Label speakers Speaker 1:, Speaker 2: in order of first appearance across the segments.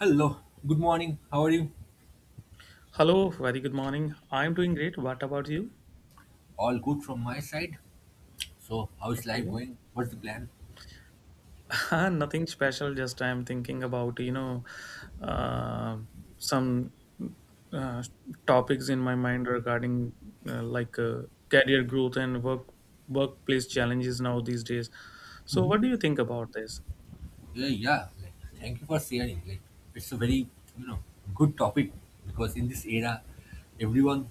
Speaker 1: Hello, good morning. How are you?
Speaker 2: Hello, very good morning. I'm doing great. What about you?
Speaker 1: All good from my side. So, how is life
Speaker 2: Okay.
Speaker 1: going? What's the plan?
Speaker 2: Nothing special, just I'm thinking about, uh, some uh, topics in my mind regarding career growth and workplace challenges now these days. So,
Speaker 1: hmm
Speaker 2: what do you think about this?
Speaker 1: Yeah, yeah. Thank you for sharing. It's a very you know good topic because in this era, everyone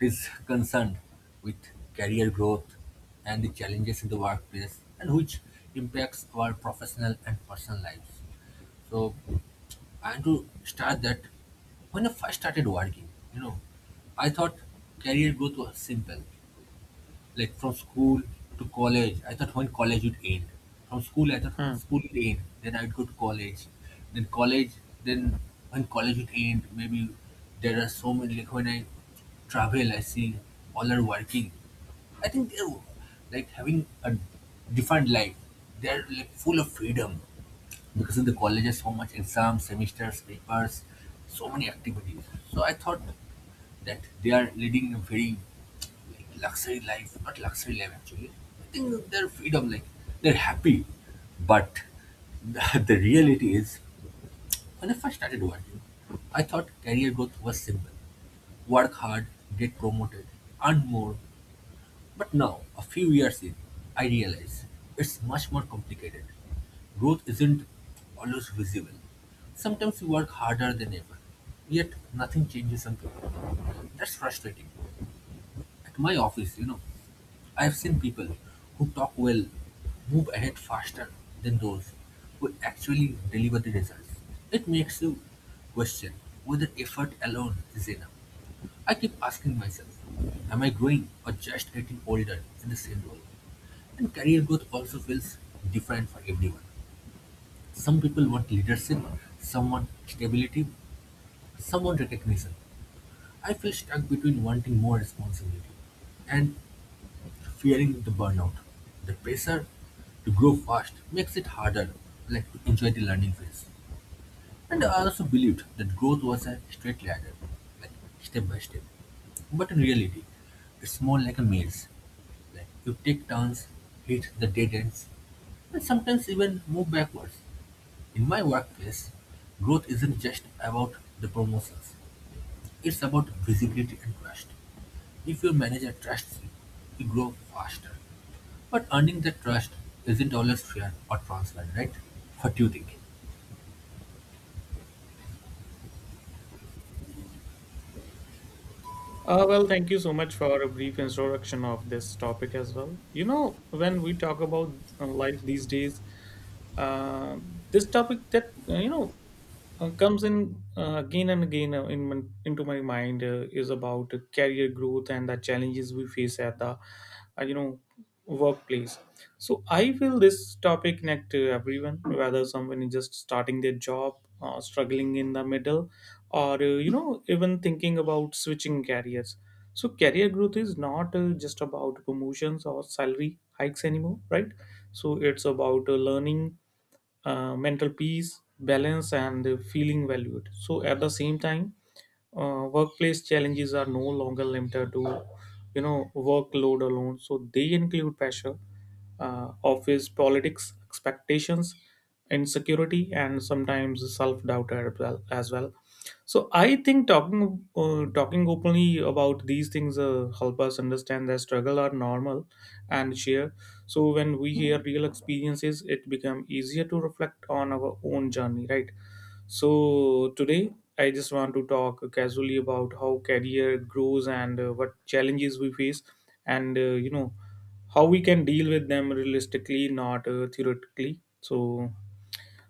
Speaker 1: is concerned with career growth and the challenges in the workplace, and which impacts our professional and personal lives. So, I want to start that when I first started working, you know, I thought career growth was simple, like from school to college. I thought when college would end. From school, I thought when
Speaker 2: Hmm.
Speaker 1: school would end, then I'd go to college. Then college, then when college would end, maybe there are so many. Like when I travel, I see all are working. I think they're like having a different life. They're like full of freedom because in the colleges, so much exams, semesters, papers, so many activities. So I thought that they are leading a very like, luxury life, not luxury life actually. I think their freedom, like they're happy, but the reality is when I first started working, I thought career growth was simple: work hard, get promoted, earn more, but now, a few years in, I realize it's much more complicated. Growth isn't always visible. Sometimes we work harder than ever, yet nothing changes on paper. That's frustrating. At my office, I've seen people who talk well move ahead faster than those who actually deliver the results. It makes you question whether effort alone is enough. I keep asking myself, am I growing or just getting older in the same role? And career growth also feels different for everyone. Some people want leadership, some want stability, some want recognition. I feel stuck between wanting more responsibility and fearing the burnout. The pressure to grow fast makes it harder like to enjoy the learning phase. And I also believed that growth was a straight ladder, like step by step. But in reality, it's more like a maze. Like you take turns, hit the dead ends, and sometimes even move backwards. In my workplace, growth isn't just about the promotions, it's about visibility and trust. If your manager trusts you, you grow faster. But earning that trust isn't always fair or transparent, right? What do you think?
Speaker 2: Well, thank you so much for a brief introduction of this topic as well. You know, when we talk about life these days, uh, this topic that comes in, again and again, into my mind is about career growth and the challenges we face at the, uh, you know workplace. So I feel this topic connect to everyone, whether someone is just starting their job, struggling in the middle, or even thinking about switching careers. So career growth is not just about promotions or salary hikes anymore, right? So it's about learning, mental peace, balance, and feeling valued. So at the same time, workplace challenges are no longer limited to workload alone. So they include pressure, office politics, expectations, insecurity, and sometimes self doubt as well. As well. So I think talking openly about these things help us understand that struggle are normal and share. So when we hear real experiences, it become easier to reflect on our own journey, right? So today I just want to talk casually about how career grows and what challenges we face and how we can deal with them realistically, not theoretically. so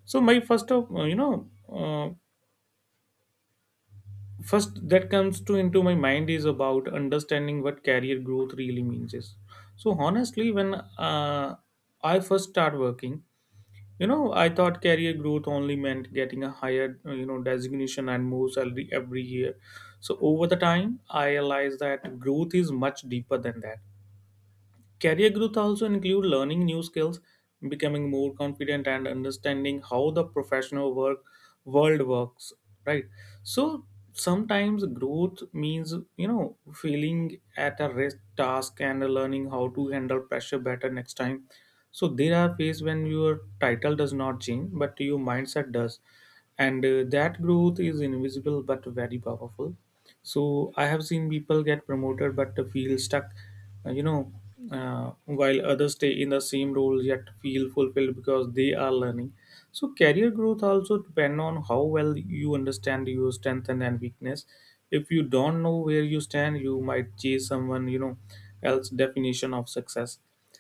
Speaker 2: so my first of you know first that comes to into my mind is about understanding what career growth really means is. So honestly, when I first start working, you know, I thought career growth only meant getting a higher, designation and more salary every year. So over the time, I realized that growth is much deeper than that. Career growth also include learning new skills, becoming more confident, and understanding how the professional work world works. Right. So sometimes growth means, you know, feeling at a risk task and learning how to handle pressure better next time. So there are phases when your title does not change, but your mindset does, and that growth is invisible but very powerful. So I have seen people get promoted but feel stuck, uh, you know, while others stay in the same role yet feel fulfilled because they are learning. So career growth also depend on how well you understand your strength and weakness. If you don't know where you stand, you might chase someone, you know, else definition of success.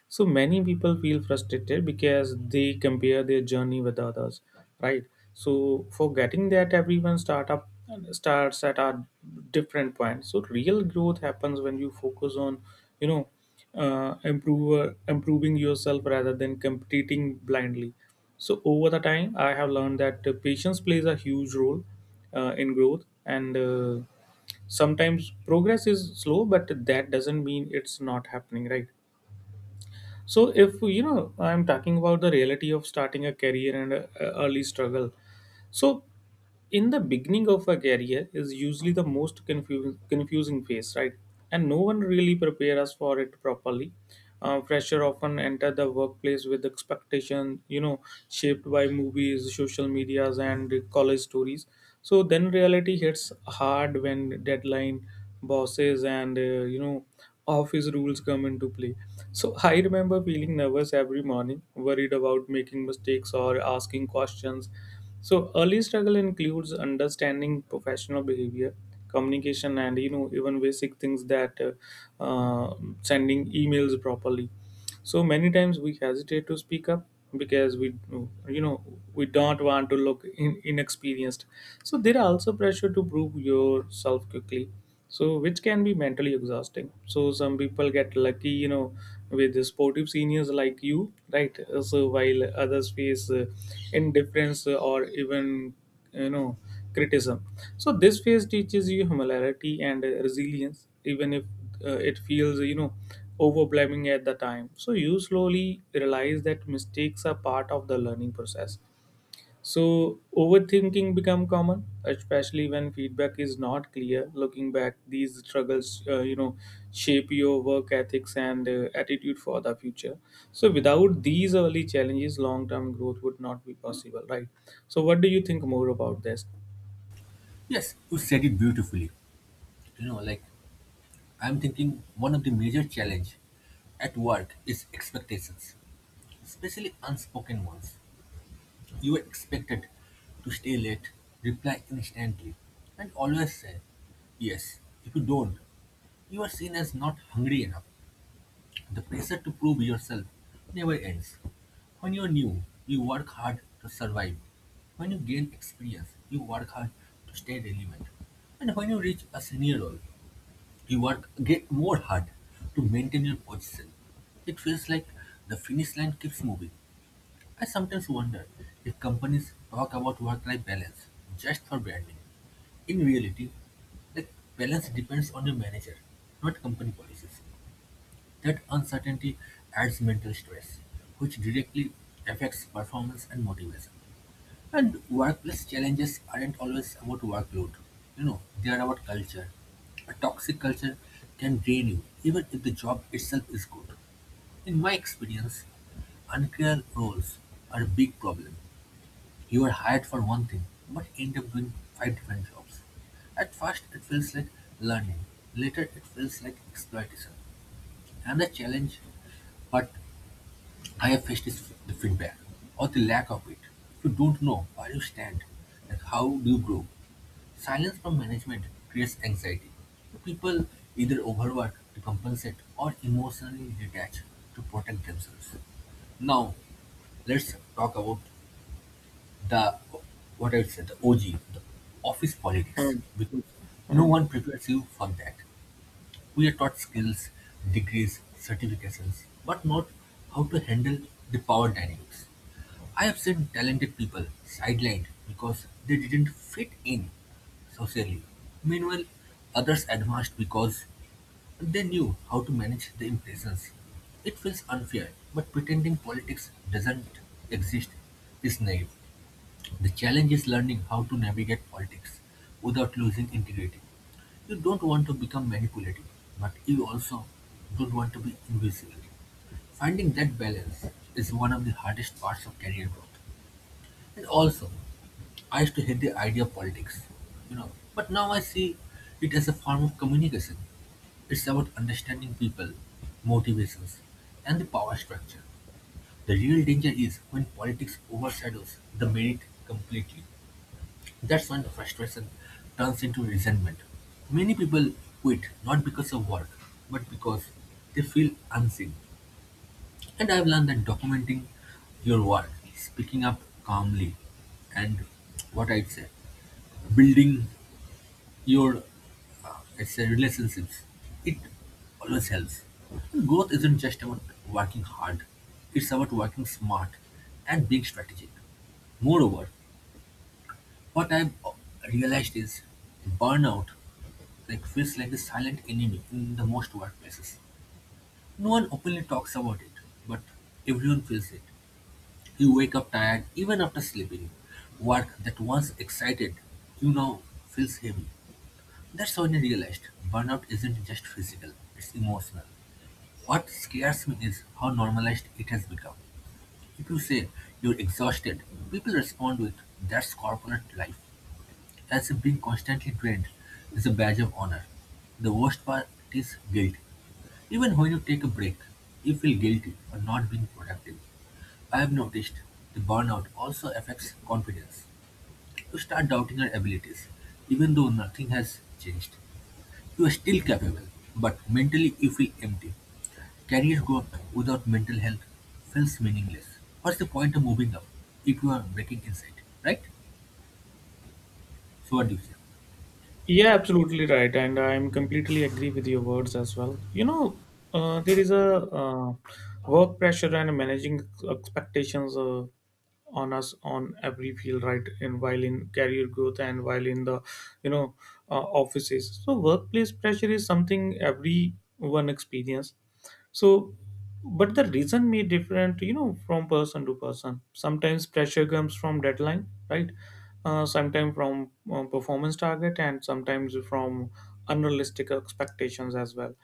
Speaker 2: So many people feel frustrated because they compare their journey with others, right? So forgetting that everyone start up starts at a different point. So real growth happens when you focus on, you know, improve improving yourself rather than competing blindly. So over the time, I have learned that patience plays a huge role in growth, and sometimes progress is slow, but that doesn't mean it's not happening, right? So if, you know, I'm talking about the reality of starting a career and early struggle, so in the beginning of a career is usually the most confusing confusing phase, right? And no one really prepare us for it properly. Fresher often enter the workplace with expectation, you know, shaped by movies, social medias, and college stories. So then reality hits hard when deadline, bosses, and office rules come into play. So I remember feeling nervous every morning, worried about making mistakes or asking questions. So early struggle includes understanding professional behavior, communication, and, you know, even basic things that uh, sending emails properly. So many times we hesitate to speak up because we, you know, we don't want to look inexperienced. So there are also pressure to prove yourself quickly, so which can be mentally exhausting. So some people get lucky, you know, with the sportive seniors like you, right? So while others face indifference or even, you know, criticism. So this phase teaches you humility and resilience, even if it feels, you know, overwhelming at the time. So you slowly realize that mistakes are part of the learning process. So overthinking become common, especially when feedback is not clear. Looking back, these struggles, shape your work ethics and attitude for the future. So without these early challenges, long-term growth would not be possible, right? So what do you think more about this?
Speaker 1: Yes, you said it beautifully. You know, like I'm thinking one of the major challenge at work is expectations, especially unspoken ones. You are expected to stay late, reply instantly, and always say yes. If you don't, you are seen as not hungry enough. The pressure to prove yourself never ends. When you're new, you work hard to survive. When you gain experience, you work hard to stay relevant. And when you reach a senior role, you work get more hard to maintain your position. It feels like the finish line keeps moving. I sometimes wonder if companies talk about work-life balance just for branding. In reality, the balance depends on your manager, not company policies. That uncertainty adds mental stress, which directly affects performance and motivation. And workplace challenges aren't always about workload. You know, they are about culture. A toxic culture can drain you, even if the job itself is good. In my experience, unclear roles are a big problem. You are hired for one thing, but end up doing five different jobs. At first, it feels like learning. Later, it feels like exploitation. Another challenge, but I've faced this the feedback, or the lack of it. You don't know where you stand, and how do you grow. Silence from management creates anxiety. People either overwork to compensate or emotionally detach to protect themselves. Now, let's talk about the what I would say the OG, the office politics, because no
Speaker 2: Mm.
Speaker 1: one prepares you for that. We are taught skills, degrees, certifications, but not how to handle the power dynamics. I have seen talented people sidelined because they didn't fit in socially. Meanwhile, others advanced because they knew how to manage the impressions. It feels unfair, but pretending politics doesn't exist is naive. The challenge is learning how to navigate politics without losing integrity. You don't want to become manipulative, but you also don't want to be invisible. Finding that balance is one of the hardest parts of career growth. And also, I used to hate the idea of politics, you know, but now I see it as a form of communication. It's about understanding people, motivations, and the power structure. The real danger is when politics overshadows the merit completely. That's when frustration turns into resentment. Many people quit not because of work, but because they feel unseen. And I've learned that documenting your work, speaking up calmly, and what I'd say, building your it's a relationships, it always helps. And growth isn't just about working hard, it's about working smart and being strategic. Moreover, what I've realized is burnout like feels like the silent enemy in the most workplaces. No one openly talks about it, but everyone feels it. You wake up tired even after sleeping. Work that once excited you now feels heavy. That's when I realized burnout isn't just physical, it's emotional. What scares me is how normalized it has become. If you say you're exhausted, people respond with that's corporate life. As if being constantly trained is a badge of honor. The worst part is guilt. Even when you take a break, you feel guilty for not being productive. I have noticed the burnout also affects confidence. You start doubting your abilities, even though nothing has changed. You are still capable, but mentally you feel empty. Career growth without mental health feels meaningless. What's the point of moving up if you are breaking inside, right? So what do you say?
Speaker 2: Yeah, absolutely right, and I'm completely agree with your words as well. You know, there is a, work pressure and managing expectations on us on every field, right? And while in career growth and while in the, you know offices, so workplace pressure is something everyone experience. So but the reason may different, you know, from person to person. Sometimes pressure comes from deadline, right? Sometimes from performance target, and sometimes from unrealistic expectations as well.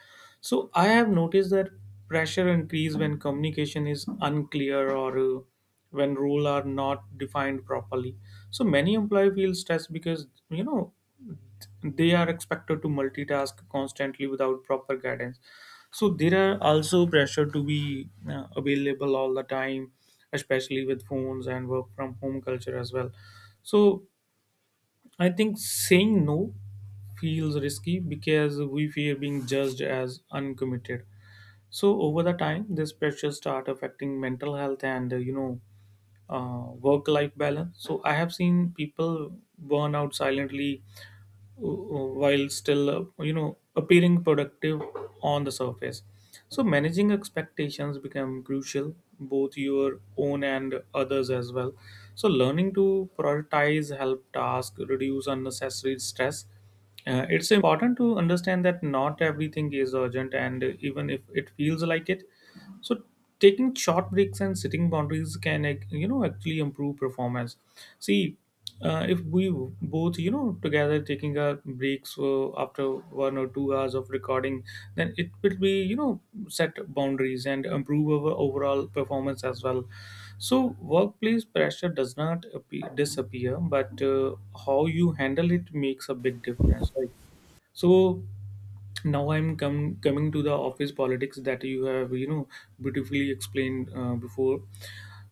Speaker 2: So I have noticed that pressure increase when communication is unclear, or when rules are not defined properly. So many employee feel stressed because, you know, they are expected to multitask constantly without proper guidance. So there are also pressure to be available all the time, especially with phones and work from home culture as well. So I think saying no feels risky because we fear being judged as uncommitted. So over the time, this pressure start affecting mental health and work life balance. So I have seen people burn out silently, while still, appearing productive on the surface. So managing expectations become crucial, both your own and others as well. So learning to prioritize help task reduce unnecessary stress. It's important to understand that not everything is urgent, and even if it feels like it. So taking short breaks and setting boundaries can, you know, actually improve performance. See, if we both, you know, together taking a breaks after 1 or 2 hours of recording, then it will be, you know, set boundaries and improve our overall performance as well. So workplace pressure does not disappear, but how you handle it makes a big difference. Right? So now I'm coming to the office politics that you have, you know, beautifully explained before.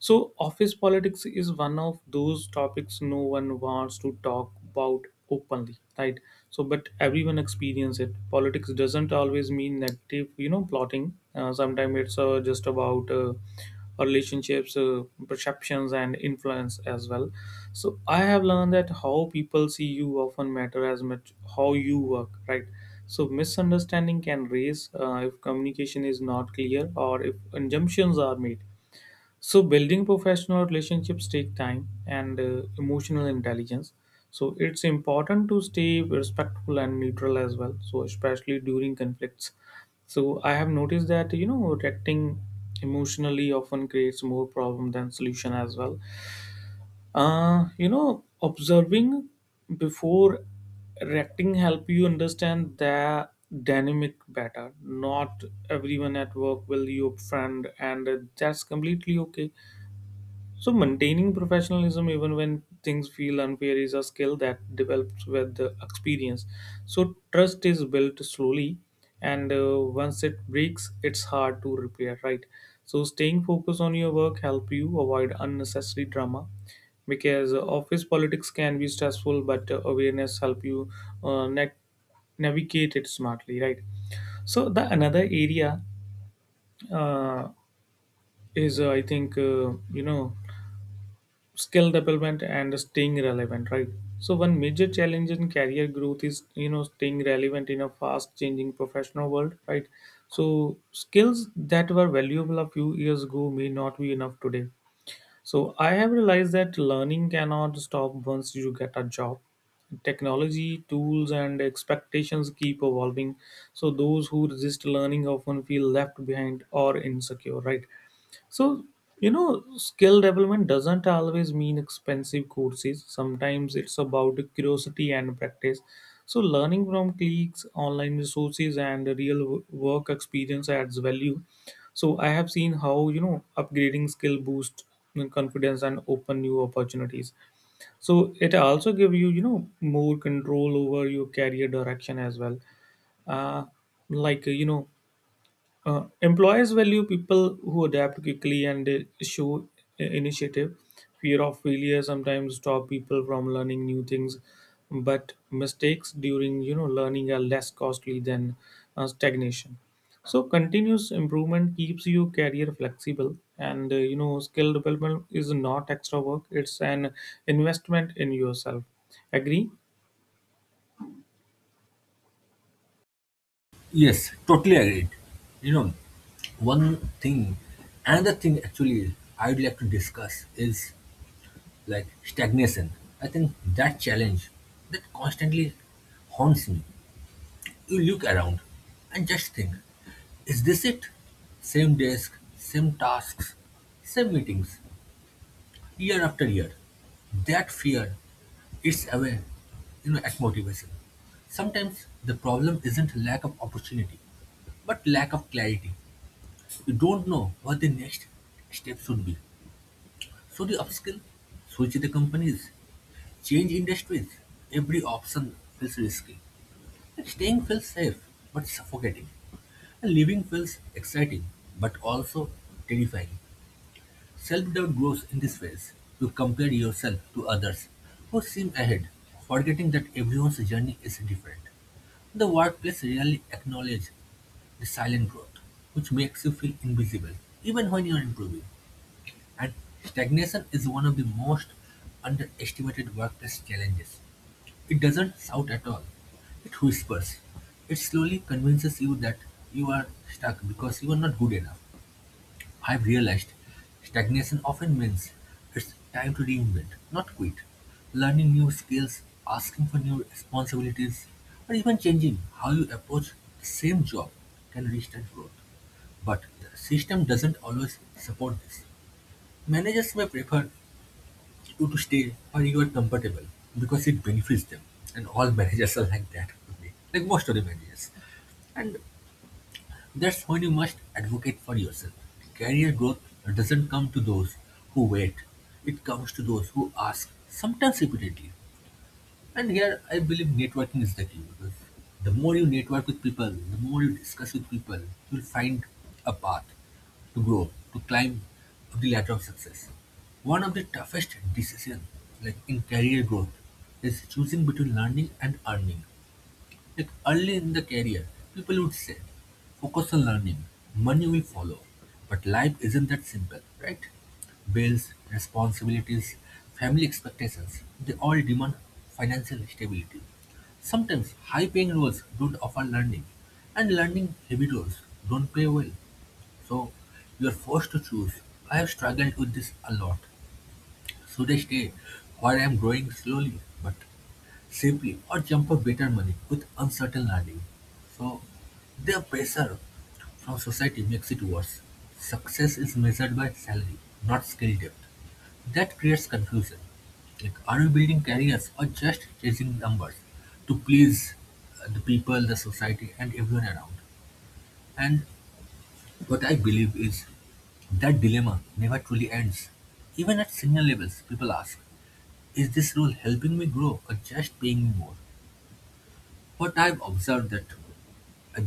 Speaker 2: So, office politics is one of those topics no one wants to talk about openly, right? So, but everyone experience it. Politics doesn't always mean negative, you know, plotting. Sometimes it's just about relationships, perceptions, and influence as well. So, I have learned that how people see you often matter as much how you work, right? So, misunderstanding can raise if communication is not clear or if assumptions are made. So building professional relationships take time and emotional intelligence. So it's important to stay respectful and neutral as well. So especially during conflicts. So I have noticed that, you know, reacting emotionally often creates more problem than solution as well. You know, observing before reacting help you understand the dynamic better. Not everyone at work will you friend, and that's completely okay. So maintaining professionalism even when things feel unfair is a skill that develops with the experience. So trust is built slowly, and once it breaks, it's hard to repair, right? So staying focused on your work help you avoid unnecessary drama, because office politics can be stressful, but awareness help you uh, na- navigate it smartly, right? So the another area, uh, is I think, skill development and staying relevant, right? So one major challenge in career growth is, you know, staying relevant in a fast changing professional world, right? So skills that were valuable a few years ago may not be enough today. So I have realized that learning cannot stop once you get a job. Technology tools and expectations keep evolving. So those who resist learning often feel left behind or insecure, right? So, you know, skill development doesn't always mean expensive courses. Sometimes it's about curiosity and practice. So, learning from cliques, online resources, and work experience adds value. So, I have seen how, you know, upgrading skill boosts confidence and open new opportunities. So, it also give you, you know, more control over your career direction as well. Uh, like, you know, Employers value people who adapt quickly, and they show initiative. Fear of failure sometimes stop people from learning new things, but mistakes during, you know, learning are less costly than stagnation. So continuous improvement keeps you career flexible, and skill development is not extra work; it's an investment in yourself. Agree?
Speaker 1: Yes, totally agreed. You know, one thing, another thing actually I'd like to discuss is like stagnation. I think that challenge that constantly haunts me. You look around and just think, is this it? Same desk, same tasks, same meetings, year after year. That fear eats away, at motivation. Sometimes the problem isn't lack of opportunity, but lack of clarity. You don't know what the next step should be, so you upskill, switch the companies, change industries. Every option feels risky. And staying feels safe but suffocating. And living feels exciting but also terrifying. Self doubt grows in this phase. You compare yourself to others who seem ahead, forgetting that everyone's journey is different. The workplace rarely acknowledges the silent growth, which makes you feel invisible even when you are improving. And stagnation is one of the most underestimated workplace challenges. It doesn't shout at all, it whispers. It slowly convinces you that you are stuck because you are not good enough. I've realized stagnation often means it's time to reinvent, not quit. Learning new skills, asking for new responsibilities, or even changing how you approach the same job can restart growth. But the system doesn't always support this. Managers may prefer you to stay or you are comfortable because it benefits them. And all managers are like that, only, like most of the managers. And that's when you must advocate for yourself. Career growth doesn't come to those who wait, it comes to those who ask, sometimes repeatedly. And here I believe networking is the key because the more you network with people, the more you discuss with people, you'll find a path to grow, to climb up the ladder of success. One of the toughest decisions like in career growth is choosing between learning and earning. Like early in the career, people would say, focus on learning, money will follow. But life isn't that simple, right? Bills, responsibilities, family expectations, they all demand financial stability. Sometimes high paying roles don't offer learning, and learning heavy roles don't pay well. So you are forced to choose. I have struggled with this a lot. Should I stay where I am growing slowly but simply or jump for better money with uncertain earning. So their pressure from society makes it worse. Success is measured by salary, not skill depth. That creates confusion. Like, are we building careers or just chasing numbers to please the people, the society, and everyone around? And what I believe is that dilemma never truly ends. Even at senior levels, people ask, is this role helping me grow or just paying me more? But I've observed that uh,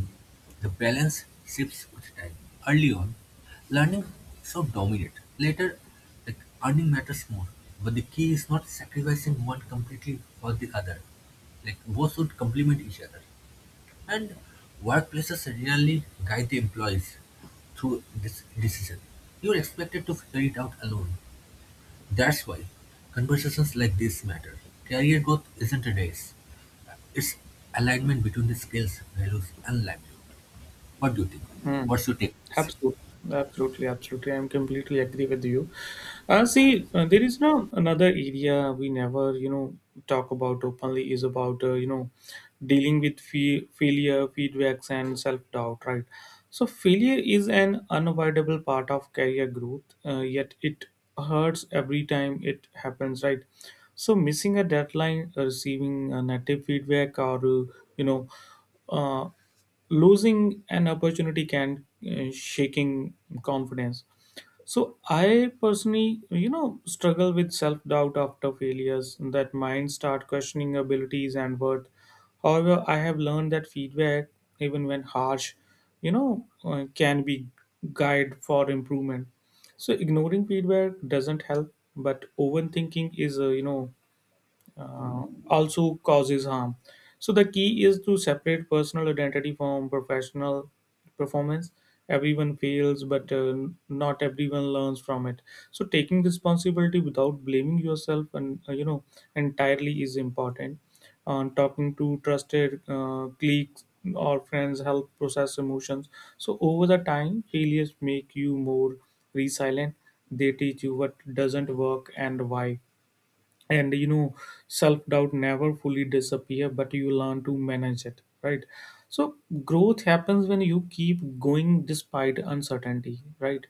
Speaker 1: the balance shifts with time. Early on, learning so of dominate. Later, like earning matters more. But the key is not sacrificing one completely for the other. Like both should complement each other. And workplaces really guide the employees through this decision. You're expected to figure it out alone. That's why conversations like this matter. Career growth isn't a race. It's alignment between the skills, values, and livelihood. What do you think?
Speaker 2: Hmm.
Speaker 1: What's your take?
Speaker 2: Absolutely, absolutely, absolutely. I'm completely agree with you. See, there is now another area we never, talk about openly is about, you know, dealing with failure, feedbacks, and self doubt, right? So, failure is an unavoidable part of career growth, yet it hurts every time it happens, right? So, missing a deadline, receiving a negative feedback, or, you know, uh, losing an opportunity can shaking confidence. So I personally, struggle with self doubt after failures. That mind start questioning abilities and worth. However, I have learned that feedback, even when harsh, can be guide for improvement. So ignoring feedback doesn't help, but overthinking is also causes harm. So the key is to separate personal identity from professional performance. Everyone fails, but not everyone learns from it. So taking responsibility without blaming yourself and entirely is important. On talking to trusted colleagues or friends help process emotions. So over the time, failures make you more resilient. They teach you what doesn't work and why and self-doubt never fully disappear, but you learn to manage it, right? So growth happens when you keep going despite uncertainty, right?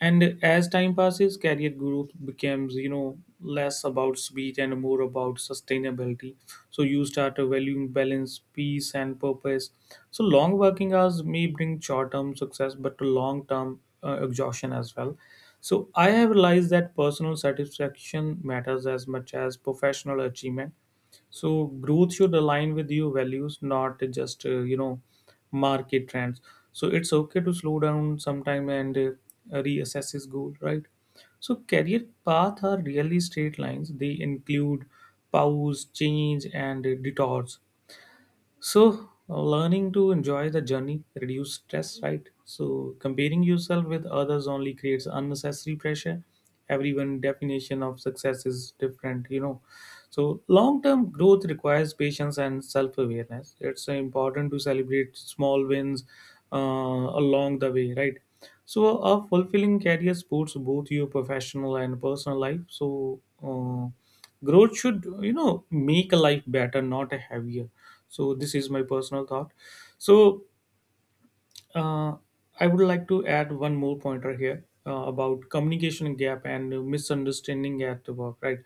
Speaker 2: And as time passes, career growth becomes, you know, less about speed and more about sustainability. So you start valuing balance, peace, and purpose. So long working hours may bring short-term success but long-term exhaustion as well. So I have realized that personal satisfaction matters as much as professional achievement. So growth should align with your values, not just market trends. So it's okay to slow down sometime and reassess his goal, right? So career path are really straight lines. They include pause, change, and detours. So, learning to enjoy the journey reduce stress, right? So, comparing yourself with others only creates unnecessary pressure. Everyone' definition of success is different, you know. So, long term growth requires patience and self awareness. It's important to celebrate small wins along the way, right? So, a fulfilling career supports both your professional and personal life. So, growth should, you know, make a life better, not a heavier. So this is my personal thought. So uh, i would like to add one more pointer here about communication gap and misunderstanding at work, right?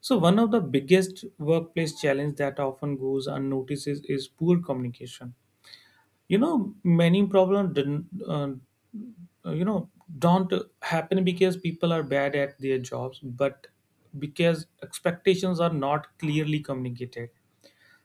Speaker 2: So one of the biggest workplace challenge that often goes unnoticed is poor communication. You know, many problems didn't you know don't happen because people are bad at their jobs, but because expectations are not clearly communicated.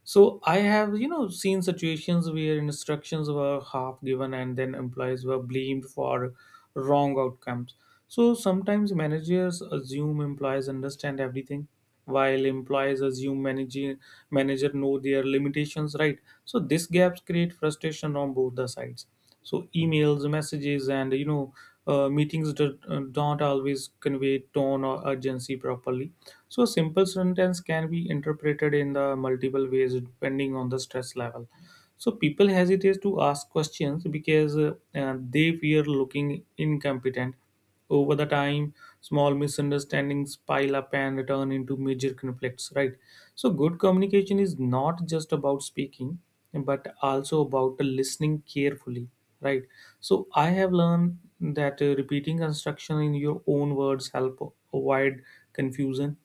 Speaker 2: So I have, you know, seen situations where instructions were half given and then employees were blamed for wrong outcomes. So sometimes managers assume employees understand everything, while employees assume manager know their limitations, right? So these gaps create frustration on both the sides. So emails, messages, and meetings don't always convey tone or urgency properly. So, a simple sentence can be interpreted in the multiple ways depending on the stress level. So people hesitate to ask questions because they fear looking incompetent. Over the time, small misunderstandings pile up and turn into major conflicts, right? So good communication is not just about speaking, but also about listening carefully, right? So I have learned that repeating instruction in your own words help avoid confusion,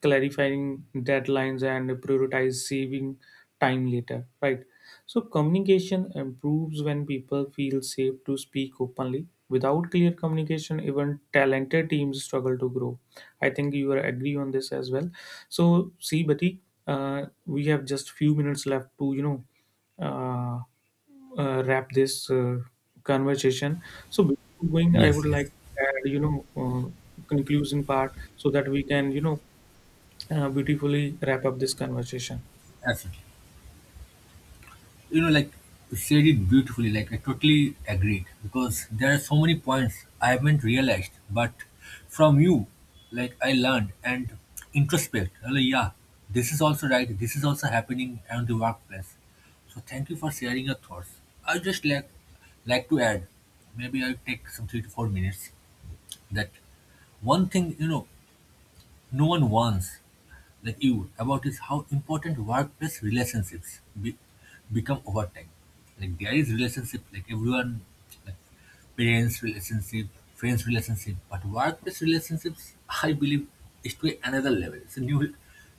Speaker 2: clarifying deadlines and prioritize saving time later, right? So communication improves when people feel safe to speak openly. Without clear communication, even talented teams struggle to grow. I think you are agree on this as well. So see, Bati, we have just few minutes left to uh, wrap this conversation. So before going, I
Speaker 1: Yes,
Speaker 2: would
Speaker 1: yes,
Speaker 2: like to add, conclusion part so that we can, you know, beautifully wrap up this conversation.
Speaker 1: absolutely. You know, like you said it beautifully. Like I totally agreed because there are so many points I haven't realized, but from you, like I learned and introspect. I'm like, yeah, this is also right. This is also happening around the workplace. So thank you for sharing your thoughts. I just like to add, maybe I'll take some 3 to 4 minutes that one thing no one warns, like you, about is how important workplace relationships become over time. Like there is relationship, like everyone, like parents relationship, friends relationship, but workplace relationships, I believe, is to another level.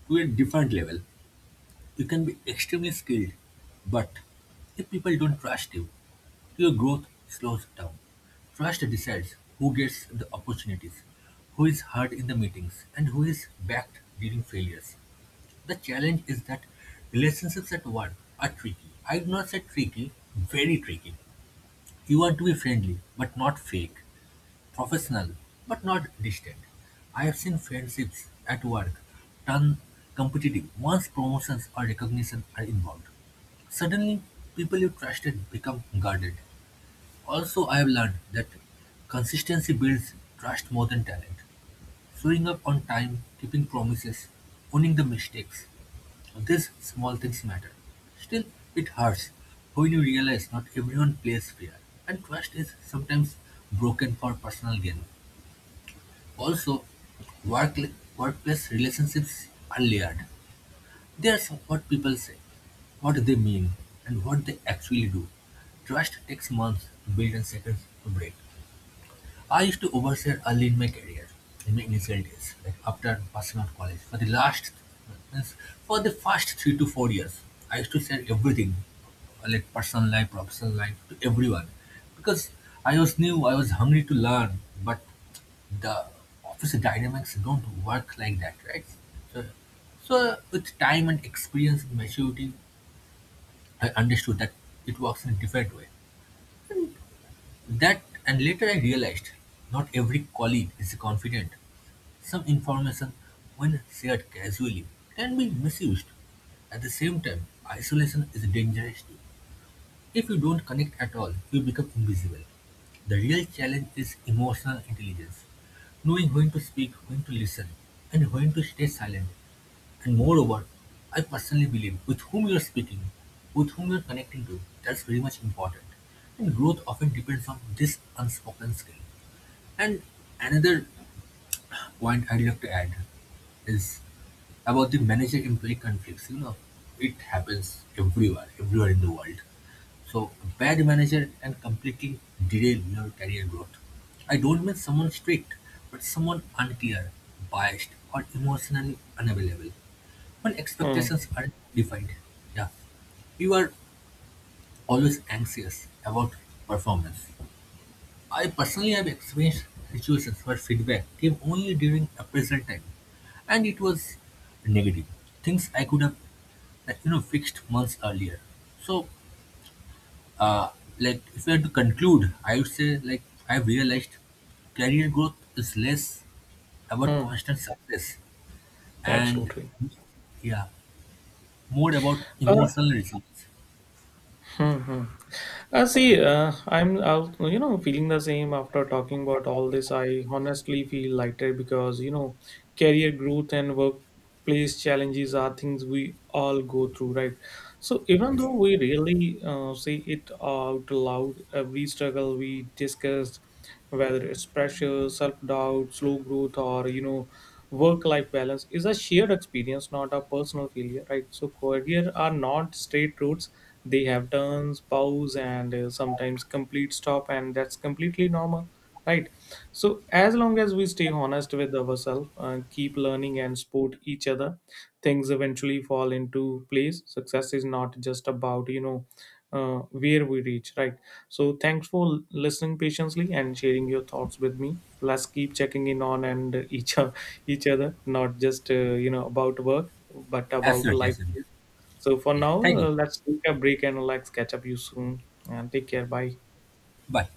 Speaker 1: To a different level. You can be extremely skilled, but if people don't trust you, your growth slows down. Trust decides who gets the opportunities, who is heard in the meetings, and who is backed during failures. The challenge is that relationships at work are tricky. I do not say tricky, very tricky. You want to be friendly, but not fake. Professional, but not distant. I've seen friendships at work turn competitive once promotions or recognition are involved. Suddenly, people you trusted become guarded. Also, I have learned that consistency builds trust more than talent. Showing up on time, keeping promises, owning the mistakes. These small things matter. Still, it hurts when you realize not everyone plays fair, and trust is sometimes broken for personal gain. Also, workl- workplace relationships are layered. There's what people say, what they mean, and what they actually do. Trust takes months to build and seconds to break. I used to overshare early in my career, in my initial days, like after passing out college. Means for the first 3 to 4 years, I used to share everything, like personal life, professional life, to everyone, because I was new, I was hungry to learn, but the office dynamics don't work like that, right? So, so with time and experience and maturity, I understood that it works in a different way. That And later I realized not every colleague is confident some information, when shared casually, can be misused. At the same time, isolation is dangerous too. If you don't connect at all, you become invisible. The real challenge is emotional intelligence, knowing when to speak, when to listen, and when to stay silent. And moreover, I personally believe with whom you are speaking, with whom you are connecting to, that's very much important. And growth often depends on this unspoken skill. And another point I'd like to add is about the manager-employee conflicts. You know, it happens everywhere, everywhere in the world. So bad manager can completely derail your career growth. I don't mean someone strict, but someone unclear, biased, or emotionally unavailable. When
Speaker 2: Hmm.
Speaker 1: expectations aren't defined, yeah, you are always anxious about performance. I personally have experienced situations where feedback came only during appraisal time, and it was negative. Things I could have, like, fixed months earlier. So, uh, like, if I had to conclude, I would say, like, I've realized career growth is less about
Speaker 2: Hmm.
Speaker 1: constant success and,
Speaker 2: Absolutely.
Speaker 1: yeah, more about
Speaker 2: Uh,
Speaker 1: emotional results.
Speaker 2: hmm hmm. You know, feeling the same after talking about all this. I honestly feel lighter because, you know, career growth and workplace challenges are things we all go through, right? So even
Speaker 1: Yes,
Speaker 2: though we really say it out loud, every struggle we discussed, whether it's pressure, self doubt, slow growth, or, work life balance is a shared experience, not a personal failure, right? So career are not straight routes. They have turns, pause, and sometimes complete stop, and that's completely normal, right? So as long as we stay honest with ourselves keep learning and support each other, things eventually fall into place. Success is not just about, where we reach, right? So thanks for listening patiently and sharing your thoughts with me. Let's keep checking in on and each other, not just about work but about
Speaker 1: absolutely,
Speaker 2: life.
Speaker 1: absolutely.
Speaker 2: So for
Speaker 1: Yeah,
Speaker 2: now
Speaker 1: thank you.
Speaker 2: let's take a break and let's catch up you soon and take care, bye.
Speaker 1: Bye.